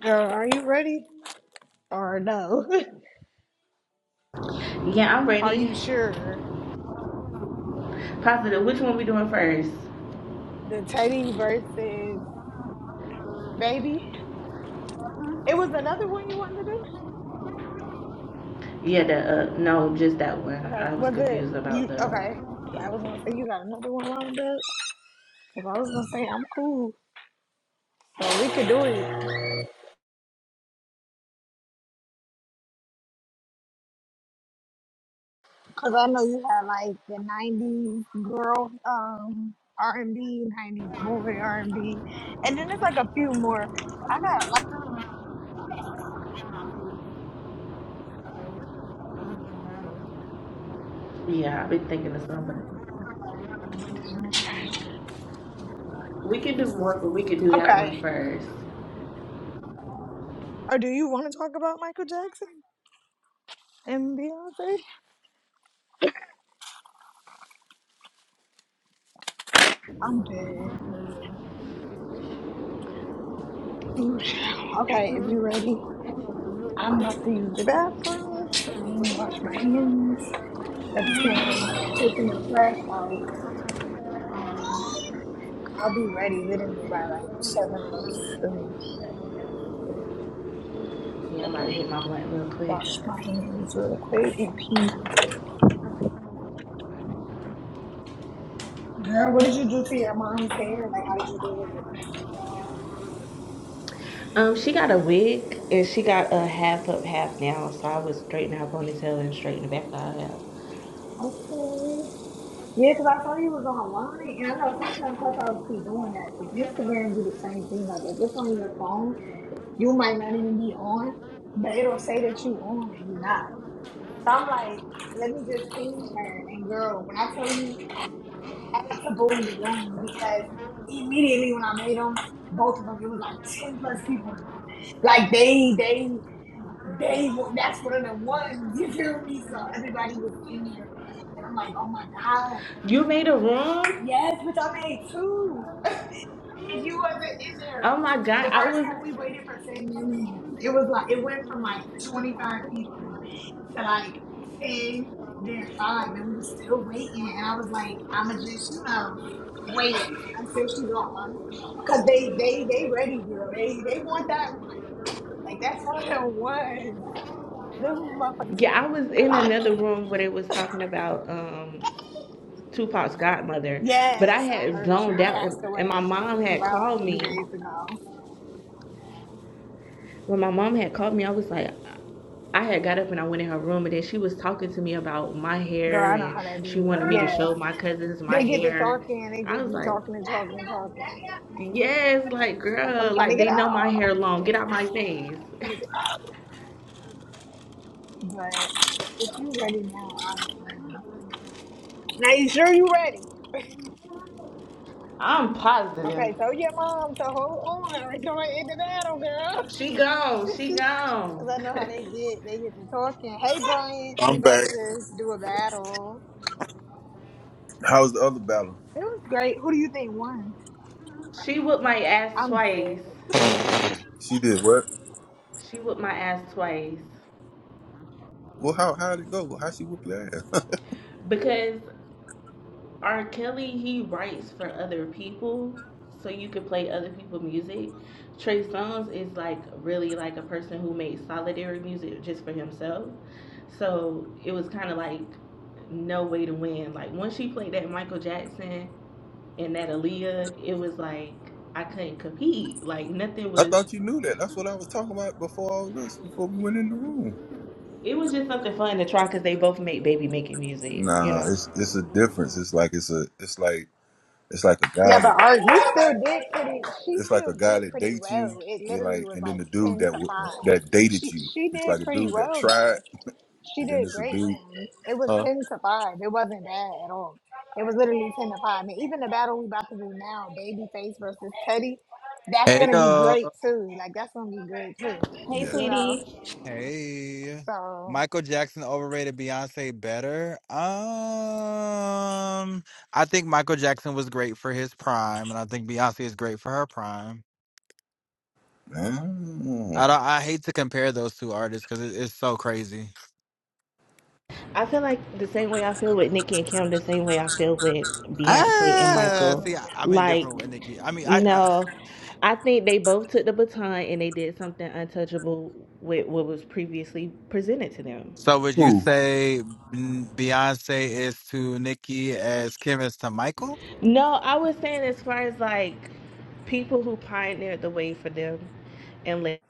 Girl, are you ready or no? Yeah, I'm Are ready. you sure? Positive. Which one we doing first? The Teddy versus Baby. It was another one you wanted to do. Yeah, the uh, no, just that one. Okay, I was was it confused about you? the. Okay, Yeah, I was gonna say you got another one lined up. If I was gonna say I'm cool, so we could do it. Cause I know you have like the '90s girl, um, R&B, '90s boy R&B, and B, and then there's like a few more. I got a lot Yeah, I've been thinking of something. of put this in the trash. We can do more, but we could do that one Okay. first. Or do you want to talk about Michael Jackson and Beyonce? I'm dead. Ooh, child. Okay, if you're ready, I'm about to use the bathroom and wash my hands. At the same time, taking the trash out. Um, I'll be ready literally by like seven or soon. Yeah, I'm about to Okay, hit my blunt real quick. wash my hands real quick and pee. Girl, what did you do to your mom's hair? Like, how did you do it? Um, she got a wig and she got a half up, half down. So I was straightening her ponytail and straightening the back of her hair. Okay. Yeah, 'cause I saw you was online, and I know sometimes Clubhouse be doing that that. 'Cause Instagram do the same thing. Like, if it's on your phone. You might not even be on, but it'll say that you on and you're not. So I'm like, let me just ping her. And girl, when I tell you, I had to boom the room because immediately when I made them, both of them, it was like ten plus people in the room. Like they, they, they. wa- That's one of the ones. You feel me? So everybody was in there, and I'm like, oh my god, You made a room? yes, but I made two. And you wasn't in Oh there. my The god, I first was one we waited for ten minutes. It was like it went from like twenty five people to like ten, then five, and we were still waiting. And I was like, I'ma just you know wait until she gone, cause they they they ready, girl. They they want that one. Like that's what it was. Them motherfuckers yeah, I came was in another blocking. room where they was talking about um Tupac's godmother. But I Yes, I had heard she zoned was out, passed and, and my away mom had about a called few me. days ago. When my mom had called me, I was like, I had got up and I went in her room, and then she was talking to me about my Girl, hair, I know and how that she be. wanted me to Yeah. show my cousins my They get to hair. talking and they I just was be like, talking and talking and talking. yes, like Like I'm girl, trying to like get they know my out. hair long. Get out my face. I'm trying to get out. But if you ready now, I am. Now you sure you ready? I'm positive. Okay, tell your mom to hold on and go into battle, girl. She gone. She Cause gone. I know how they get. They get to talking. Hey Brian, we I'm about back. to do a battle. How was the other battle? It was great. Who do you think won? she whipped my ass I'm twice. dead. She did what? She whipped my ass twice Well, how how did it go? How she whoop your ass? because R. Kelly, he writes for other people, so you could play other people's music. Trey Songz is like really like a person who made solitary music just for himself. So it was kind of like no way to win. Like once she played that Michael Jackson and that Aaliyah, it was like I couldn't compete. Like nothing I was. thought you knew that. That's what I was talking about before all this. Before we went in the room. It was just something fun to try because they both make baby making music, you Nah, know. it's it's a difference. It's like it's a it's like it's like a Yeah, guy but that our, we still did pretty. She it's like still a guy did that pretty dates you. well. It You're literally like, was and then like the dude ten that to w- five. that dated She you. she It's like did a pretty dude that well tried, though. She and then did it's a great dude. rounds. It was Huh? ten to five. It wasn't bad at all. It was literally ten to five. And even the battle we about to do now, Babyface versus Teddy, that's Hey gonna be yo, great too. Like that's gonna be good too. Hey, Yeah. You know. sweetie. hey. So Michael Jackson overrated, Beyonce better. Um, I think Michael Jackson was great for his prime, and I think Beyonce is great for her prime. Oh. I don't, I hate to compare those two artists because it, it's so crazy. I feel like the same way I feel with Nicki and Kim, the same way I feel with Beyonce and Ah, see, Michael. I, I'm Like, indifferent with Nicki. I mean, I, I. no, I think they both took the baton and they did something untouchable with what was previously presented to them. So would you Who? say mm, Beyonce is to Nicki as Kim is to Michael? No, I was saying as far as like people who pioneered the way for them and let.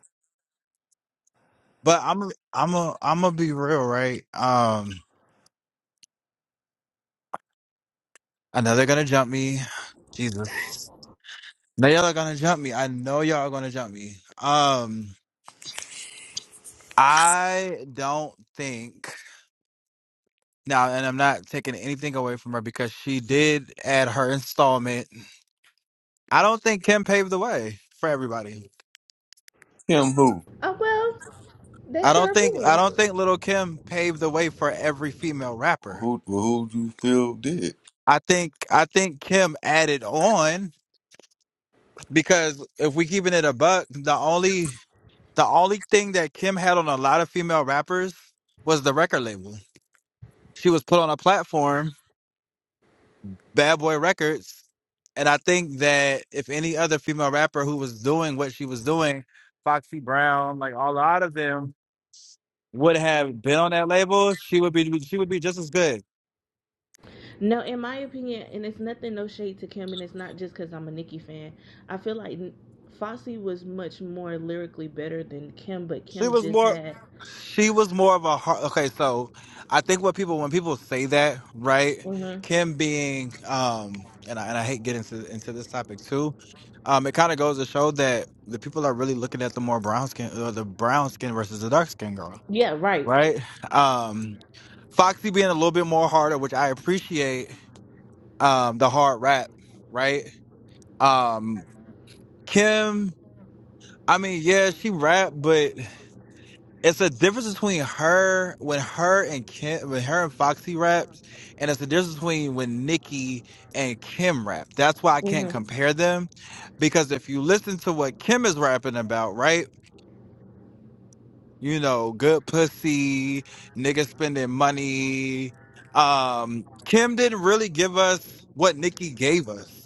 But I'm, I'm a, I'm gonna be real, right? Um. I know they're gonna jump me. Jesus. Now y'all are gonna jump me. I know y'all are gonna jump me. Um I don't think now, and I'm not taking anything away from her because she did add her installment. I don't think Kim paved the way for everybody. Him? Who? Oh well, I that's don't your think I opinion. don't think little Kim paved the way for every female rapper. Who? well, Who do you feel did? I think I think Kim added on because if we keeping it a buck, the only The only thing that Kim had on a lot of female rappers was the record label. She was put on a platform, Bad Boy Records. And I think that if any other female rapper who was doing what she was doing, Foxy Brown, like a lot of them would have been on that label, she would be she would be just as good. No, in my opinion, and it's nothing, no shade to Kim, and it's not just because I'm a Nicki fan. I feel like Foxy was much more lyrically better than Kim, but She Kim was just more. had. She was more of a hard. Okay, so I think what people when people say that, right? hmm Kim being um, and I and I hate getting into into this topic too. Um, it kind of goes to show that the people are really looking at the more brown skin, uh, the brown skin versus the dark skin girl, Yeah, right. right? Um, Foxy being a little bit more harder, which I appreciate. Um, the hard rap, right? Um, Kim. I mean, yeah, she rap, but it's a difference between her when her and Kim when her and Foxy raps, and it's a difference between when Nikki and Kim rap. That's why I can't hmm compare them, because if you listen to what Kim is rapping about, right? You know, good pussy, niggas spending money. Um, Kim didn't really give us what Nikki gave us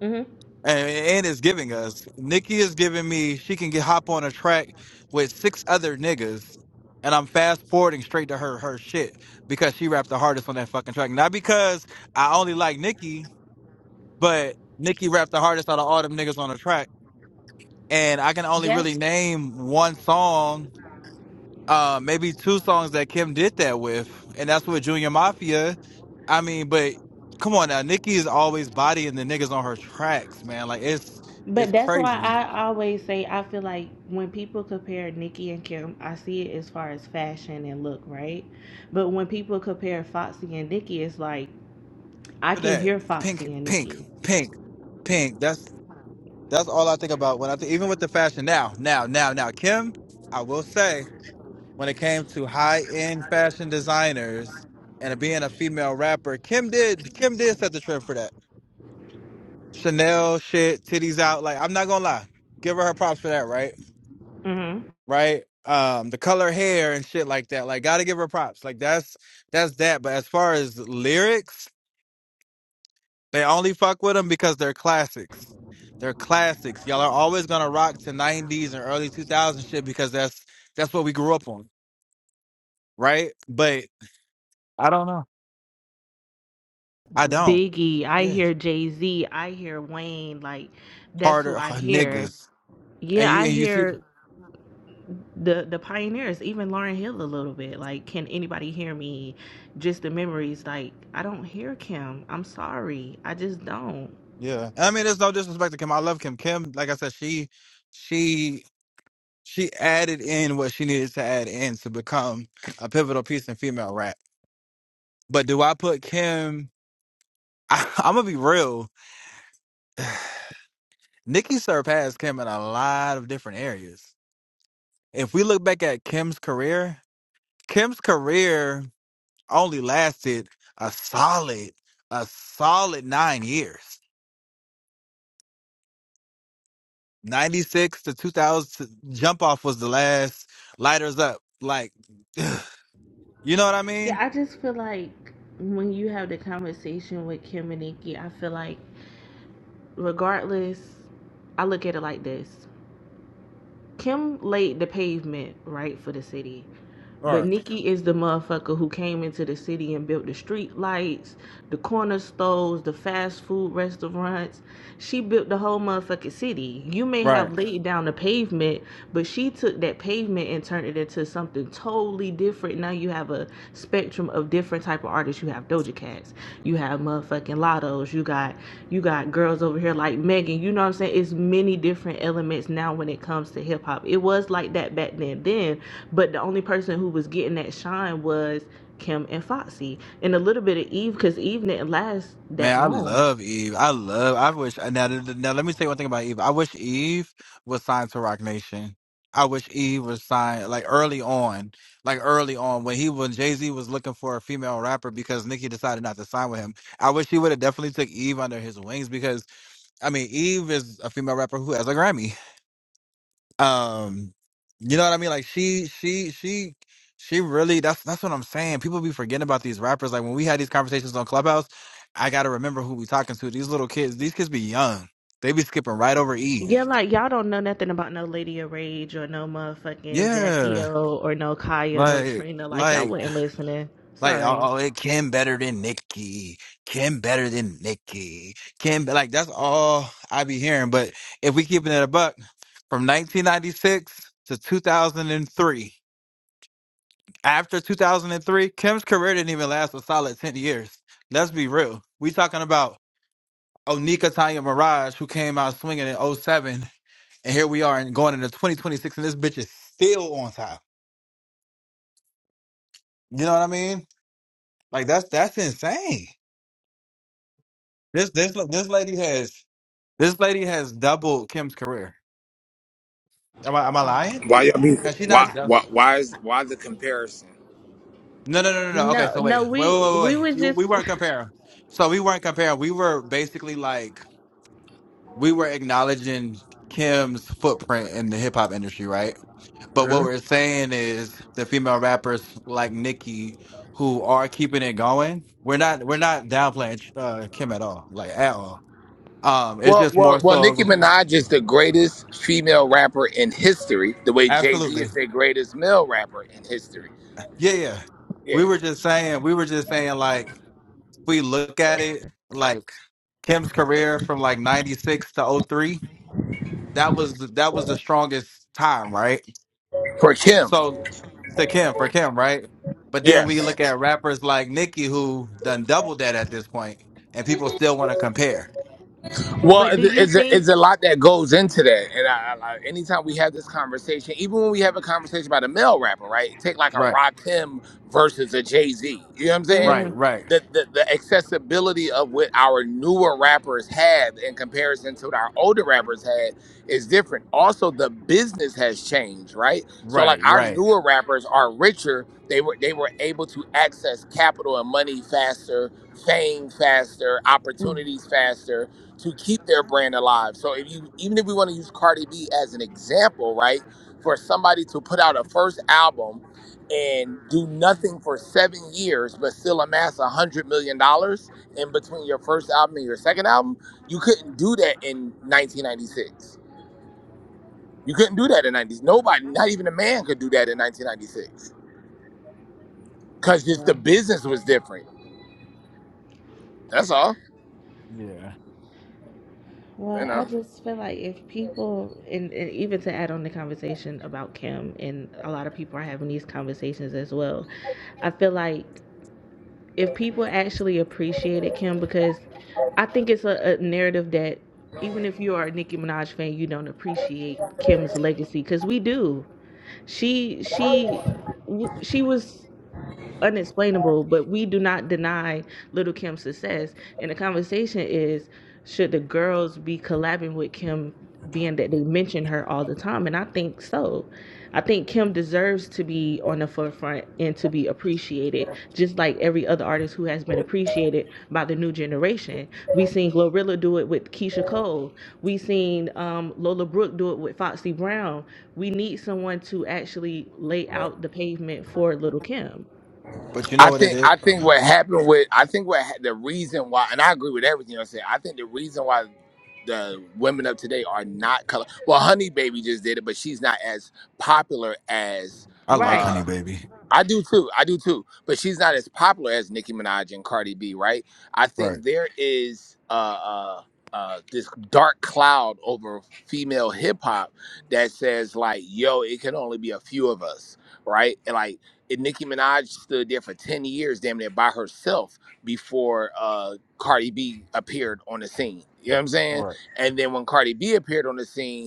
hmm and and is giving us. Nikki is giving me she can get hop on a track with six other niggas, and I'm fast forwarding straight to her her shit because she rapped the hardest on that fucking track. Not because I only like Nikki, but Nikki rapped the hardest out of all them niggas on the track, and I can only That's. really name one song, uh, maybe two songs that Kim did that with, and that's with Junior Mafia. I mean, but come on now, Nikki is always bodying the niggas on her tracks, man. Like it's But it's that's why crazy. I always say I feel like when people compare Nicki and Kim, I see it as far as fashion and look, right? But when people compare Foxy and Nicki, it's like I But can that hear pink, Foxy and pink, Nicki. pink, pink. That's that's all I think about when I think. Even with the fashion now, now, now, now. Kim, I will say when it came to high end fashion designers and being a female rapper, Kim did Kim did set the trend for that Chanel shit, titties out. Like I'm not gonna lie, give her her props for that. Right, right. Um, the color hair and shit like that. Like gotta give her props. Like that's that's that. But as far as lyrics. They only fuck with them because they're classics. They're classics. Y'all are always gonna rock to '90s and early 2000s shit because that's that's what we grew up on, right? But I don't know. I don't. Biggie, I Yeah, hear Jay Z, I hear Wayne, like that's who harder I hear. niggas, and Yeah, you I and you see. hear the the pioneers, even Lauren Hill a little bit. Like, can anybody hear me? Just the memories, like I don't hear Kim. I'm sorry. I just don't. Yeah, I mean, there's no disrespect to Kim. I love Kim. Kim, like I said, she she she added in what she needed to add in to become a pivotal piece in female rap. But do I put Kim? I, I'm gonna be real. Nikki surpassed Kim in a lot of different areas. If we look back at Kim's career, Kim's career only lasted a solid, a solid nine years. 96 to 2000, jump off was the last lighters up. Like, you know what I Yeah, mean? I just feel like when you have the conversation with Kim and Nikki, I feel like regardless I look at it like this. Kim laid the pavement right for the city. But Right. Nikki is the motherfucker who came into the city and built the street lights, the corner stores, the fast food restaurants. She built the whole motherfucking city. You may Right. have laid down the pavement, but she took that pavement and turned it into something totally different. Now you have a spectrum of different type of artists you have Doja Cats, you have motherfucking Lottos, you got you got girls over here like Megan. You know what I'm saying? It's many different elements now when it comes to hip hop. It was like that back then, then, but the only person who was getting that shine was Kim and Foxy, and a little bit of Eve, because Eve didn't last Man, that I long. love Eve. I love. I wish. Now, th- th- now, let me say one thing about Eve. I wish Eve was signed to Rock Nation. I wish Eve was signed like early on, like early on when he when Jay Z was looking for a female rapper because Nicki decided not to sign with him. I wish he would have definitely took Eve under his wings because I mean Eve is a female rapper who has a Grammy. Um, you know what I mean? Like she, she, she, she really. That's that's what I'm saying. People be forgetting about these rappers. Like when we had these conversations on Clubhouse, I gotta remember who we talking to. These little kids. These kids be young. They be skipping right over Yeah, Eve. like y'all don't know nothing about no Lady of Rage or no motherfucking Jackie Yeah, O or no Kaya, no like. Trina. Like y'all Like, wasn't listening. like, oh, Sorry. oh, it Kim better than Nicki. Kim better than Nicki. Kim, be- like, that's all I be hearing. But if we keeping it a buck, from 1996 to 2003. After 2003, Kim's career didn't even last a solid 10 years. Let's be real. We talking about Onika Tanya Mirage, who came out swinging in oh 07, and here we are and going into 2026, and this bitch is still on top. You know what I mean? Like that's that's insane. This this this lady has this lady has doubled Kim's career. Am I am I lying? Why y'all be Has she not? why I dou- why why is why the comparison? No no no no no. Okay, no so wait no wait wait we wait we wait. was You, we just weren't comparing. So we weren't comparing. We were basically like we were acknowledging Kim's footprint in the hip hop industry, right? But what hmm we're saying is the female rappers like Nicki who are keeping it going. We're not we're not downplaying uh, Kim at all, like at all. Um, it's Well, just more well, well. so Nicki of Minaj is the greatest female rapper in history, the way Jay Z absolutely, is the greatest male rapper in history. yeah, yeah. We Yeah. were just saying we were just saying like if we look at it like Kim's career from like '96 to '03, that was that was the strongest time, right? For Kim, So to Kim for Kim, right? But then we Yes. look at rappers like Nicki who done doubled that at this point, and people still want to compare. Well, But do it- you it's a, it's think? a lot that goes into that, and I, I, I- anytime we have this conversation, even when we have a conversation about a male rapper, right? Take like a Right, Rakim versus a Jay Z. You know what I'm saying? right, Mm, right, The, the the accessibility of what our newer rappers have in comparison to what our older rappers had is different. Also, the business has changed, right? So, right, like our right. newer rappers are richer. They were they were able to access capital and money faster, fame faster, mm, opportunities faster to keep their brand alive. So if you even if we want to use Cardi B as an example, right? For somebody to put out a first album and do nothing for seven years but still amass a hundred million dollars in between your first album and your second album, you couldn't do that in 1996. You couldn't do that in 90s. Nobody, not even a man, could do that in 1996 because just the well, business was different. That's all, Yeah. you well, know. I just feel like if people, and, and even to add on the conversation about Kim, and a lot of people are having these conversations as well. I feel like if people actually appreciated Kim, because I think it's a, a narrative that even if you are a Nicki Minaj fan, you don't appreciate Kim's legacy because we do. She she w- she was unexplainable, but we do not deny Little Kim's success. And the conversation is should the girls be collabing with Kim, being that they mention her all the time? And I think so. I think Kim deserves to be on the forefront and to be appreciated, just like every other artist who has been appreciated by the new generation. We seen Glorilla do it with Keisha Cole. We seen um, Lola Brooke do it with Foxy Brown. We need someone to actually lay out the pavement for Little Kim. But you know I what it think is? I Oh think my what bad. happened with I think what ha- the reason why and I agree with everything you're saying. I think the reason why the women of today are not color. Well, Honey Baby just did it, but she's not as popular as. I like Right. Honey uh Baby. I do too. I do too. But she's not as popular as Nicki Minaj and Cardi B, right? I Right, think there is uh, uh, uh, this dark cloud over female hip hop that says like, "Yo, it can only be a few of us," right? And like, and Nicki Minaj stood there for ten years, damn near by herself, before uh, Cardi B appeared on the scene. You know what I'm saying? right. And then when Cardi B appeared on the scene,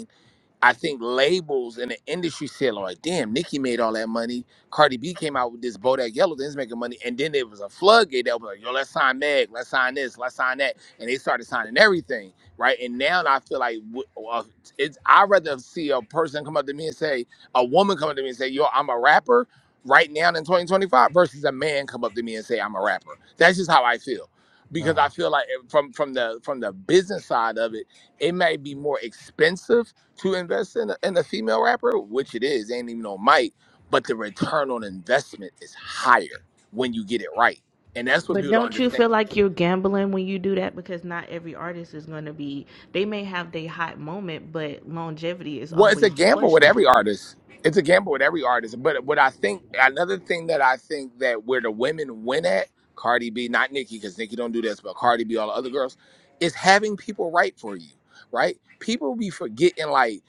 I think labels in the industry said, "All right, damn, Nicki made all that money. Cardi B came out with this Bodak Yellow, things making money, and then there was a floodgate that was like, yo, let's sign Meg, let's sign this, let's sign that, and they started signing everything, right? And now I feel like w- uh, it's I rather see a person come up to me and say, a woman come up to me and say, yo, I'm a rapper right now in 2025, versus a man come up to me and say, I'm a rapper. That's just how I feel, because I Uh, feel like eh, from from the from the business side of it, it may be more expensive to invest in a, in a female rapper, which it is, ain't even on mic, but the return on investment is higher when you get it right. And that's what But people don't don't you understand. feel like you're gambling when you do that? Because not every artist is going to be, they may have their hot moment, but longevity is Well, it's a always the gamble with question. every artist. It's a gamble with every artist. But what I think, another thing that I think that where the women win at, Cardi B, not Nicki, because Nicki don't do this, but Cardi B, all the other girls, is having people write for you, right? People be forgetting, like,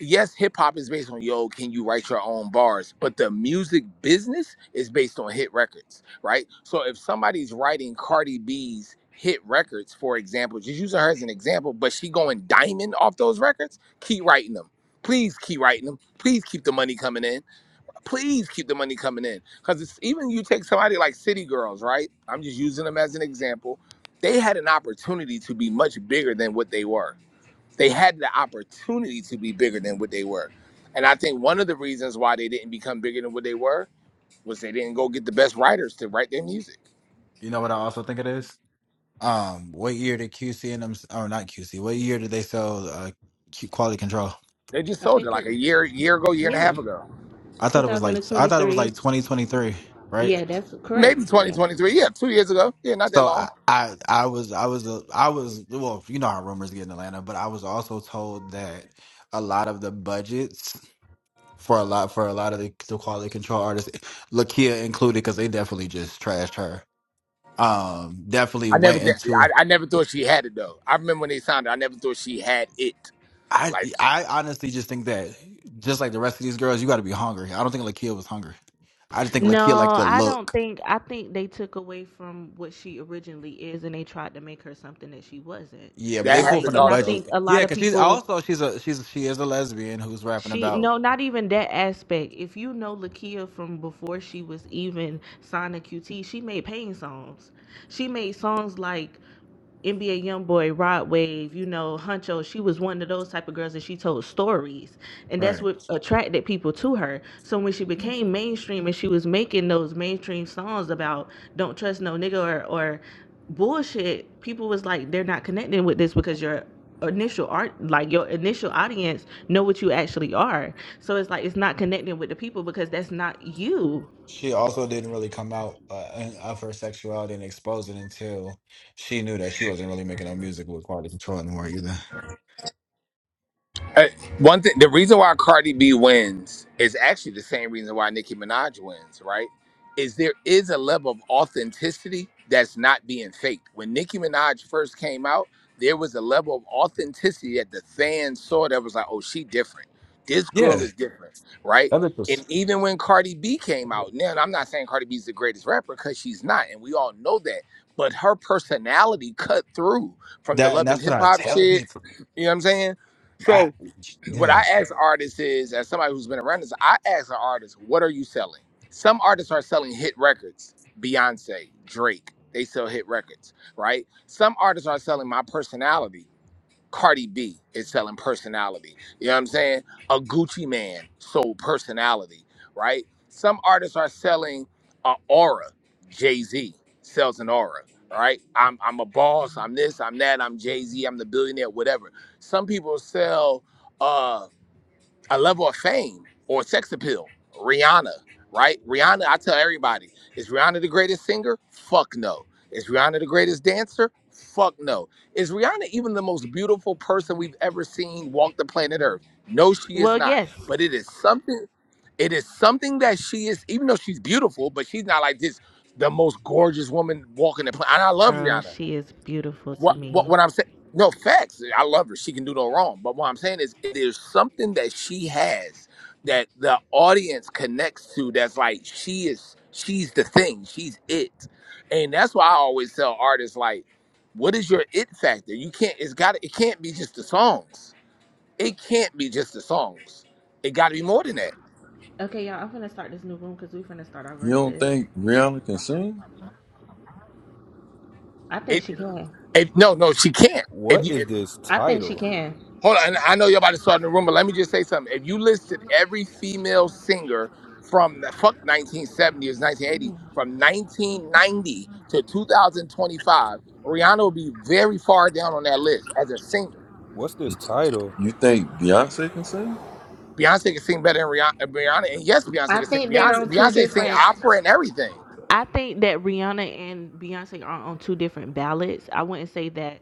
yes, hip hop is based on, yo, can you write your own bars? But the music business is based on hit records, right? So if somebody's writing Cardi B's hit records, for example, just using her as an example, but she going diamond off those records, keep writing them Please keep writing them. Please keep the money coming in. Please keep the money coming in. Because even you take somebody like City Girls, right? I'm just using them as an example. They had an opportunity to be much bigger than what they were. They had the opportunity to be bigger than what they were. And I think one of the reasons why they didn't become bigger than what they were was they didn't go get the best writers to write their music. you know what I also think it is? Um, what year did QC and them? Oh, not QC. What year did they sell uh, Q- Quality Control? They just I sold it think like it, a year, year ago, year and a yeah, half ago. I thought it was like I thought it was 2023. like twenty twenty three, right? Yeah, that's Maybe correct. Yeah. 2023. Yeah, two years ago. Yeah, not that So long I, I I was I was a I was well you know how rumors get in Atlanta, but I was also told that a lot of the budgets for a lot for a lot of the, the quality control artists, Lakia included, because they definitely just trashed her. Um, definitely I never went did. into. I, I never thought she had it though. I remember when they signed her. I never thought she had it. I Like I honestly just think that just like the rest of these girls, you got to be hungry. I don't think Lakia was hungry. I just think No, Lakia liked the I don't look. think, I think they took away from what she originally is and they tried to make her something that she wasn't. Yeah, but that they pulled Like, from happens the and I also. think budget. a Yeah, lot of because she's people also she's a she's she is a lesbian who's rapping She about no, not even that aspect. If you know Lakia from before she was even signed to QT, she made pain songs. She made songs like NBA YoungBoy, Rod Wave, you know, Huncho, she was one of those type of girls that she told stories. And Right. that's what attracted people to her. So when she became mainstream and she was making those mainstream songs about don't trust no nigga or, or bullshit, people was like, they're not connecting with this because your initial art like your initial audience know what you actually are so it's like it's not connecting with the people because that's not you She also didn't really come out uh, of her sexuality and expose it until she knew that she wasn't really making no music with quality control anymore either. Uh, one thing, the reason why Cardi B wins is actually the same reason why Nicki Minaj wins, right? Is there is a level of authenticity that's not being faked. When Nicki Minaj first came out, there was a level of authenticity that the fans saw that was like, oh, she different. This Yeah, girl is different, right? that bitch was And even when Cardi B came out, now and I'm not saying Cardi B's the greatest rapper because she's not, and we all know that. But her personality cut through from the that, and love and that's hip what I hop tell shit. people. You know what I'm saying? I, So what yeah. I ask artists is, as somebody who's been around this, I ask an artist, what are you selling? Some artists are selling hit records, Beyonce, Drake, they sell hit records, right? Some artists are selling my personality. Cardi B is selling personality. You know what I'm saying? A Gucci man sold personality, right? Some artists are selling an aura. Jay Z sells an aura, right? I'm, I'm a boss. I'm this. I'm that. I'm Jay Z. I'm the billionaire. Whatever. Some people sell. uh, a level of fame or sex appeal. Rihanna, right? Rihanna, I tell everybody, is Rihanna the greatest singer? Fuck no. Is Rihanna the greatest dancer? Fuck no. Is Rihanna even the most beautiful person we've ever seen walk the planet Earth? No, she is well not. yes But it is something, it is something that she is, even though she's beautiful, but she's not like this, the most gorgeous woman walking the planet. And I love girl Rihanna. she is beautiful to What what me what I'm saying? No facts. I love her. She can do no wrong. But what I'm saying is, there's something that she has that the audience connects to. That's like she is. She's the thing. She's it. And that's why I always tell artists like, what is your it factor? You can't. It's got. It can't be just the songs. It can't be just the songs. It got to be more than that. Okay, y'all, I'm gonna start this new room because we're gonna start our You don't verses. think Rihanna can sing? I think It. she can. it no, no, she can't. If What is you this I think she title? can. Hold on, and I know you're about to start in the room, but let me just say something. If you listed every female singer from the fuck 1970s, 1980, from 1990 to 2025, Rihanna would be very far down on that list as a singer. What's this title? You think Beyonce can sing? Beyonce can sing better than Rihanna, Rihanna and yes, Beyonce I can sing. think Beyonce, they're on two Beyonce sing different. opera and everything. I think that Rihanna and Beyonce are on two different ballots. I wouldn't say that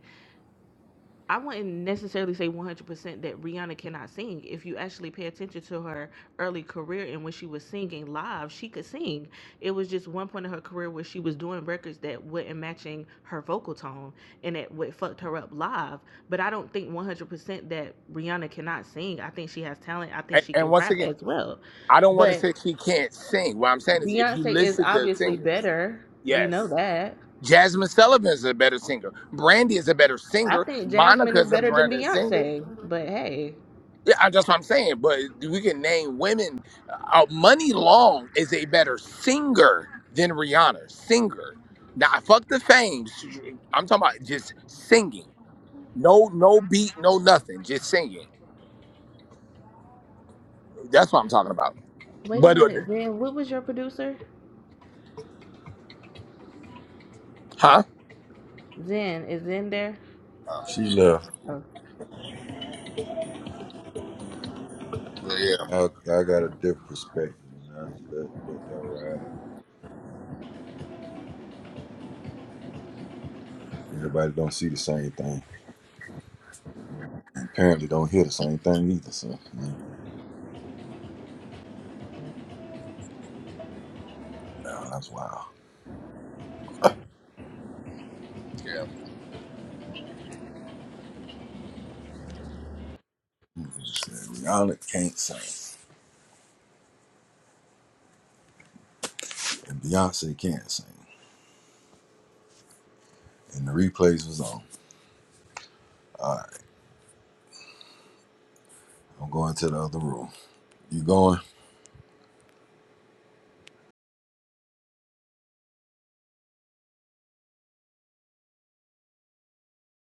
I wouldn't necessarily say 100% that Rihanna cannot sing. If you actually pay attention to her early career and when she was singing live, she could sing. It was just one point in her career where she was doing records that were not matching her vocal tone and it what fucked her up live. But I don't think 100% that Rihanna cannot sing. I think she has talent. I think And, she and can once rap again, as well. I don't want to But say she can't sing. What I'm saying is, if you Beyonce is listed the obviously singers, better. We yes. know that. Jasmine Sullivan is a better singer. Brandy is a better I singer. think Jasmine is Monica's a better than better singer. Beyonce. But hey. Yeah, I- that's what I'm saying. But we can name women. Uh, Money Long is a better singer than Rihanna. Singer. Now, fuck the fame. I'm talking about just singing. No, no beat, no nothing. Just singing. That's what I'm talking about. Wait a But, uh, minute, Zen. What was your producer? huh? Zen is in there. She left. Oh, I, I got a different perspective, and I just let, let that ride. Everybody don't see the same thing, and apparently don't hear the same thing either. So yeah, Well, that's wild. People just said Rihanna can't sing, and Beyonce can't sing, and the replays was on. All right, I'm going to the other room. You going?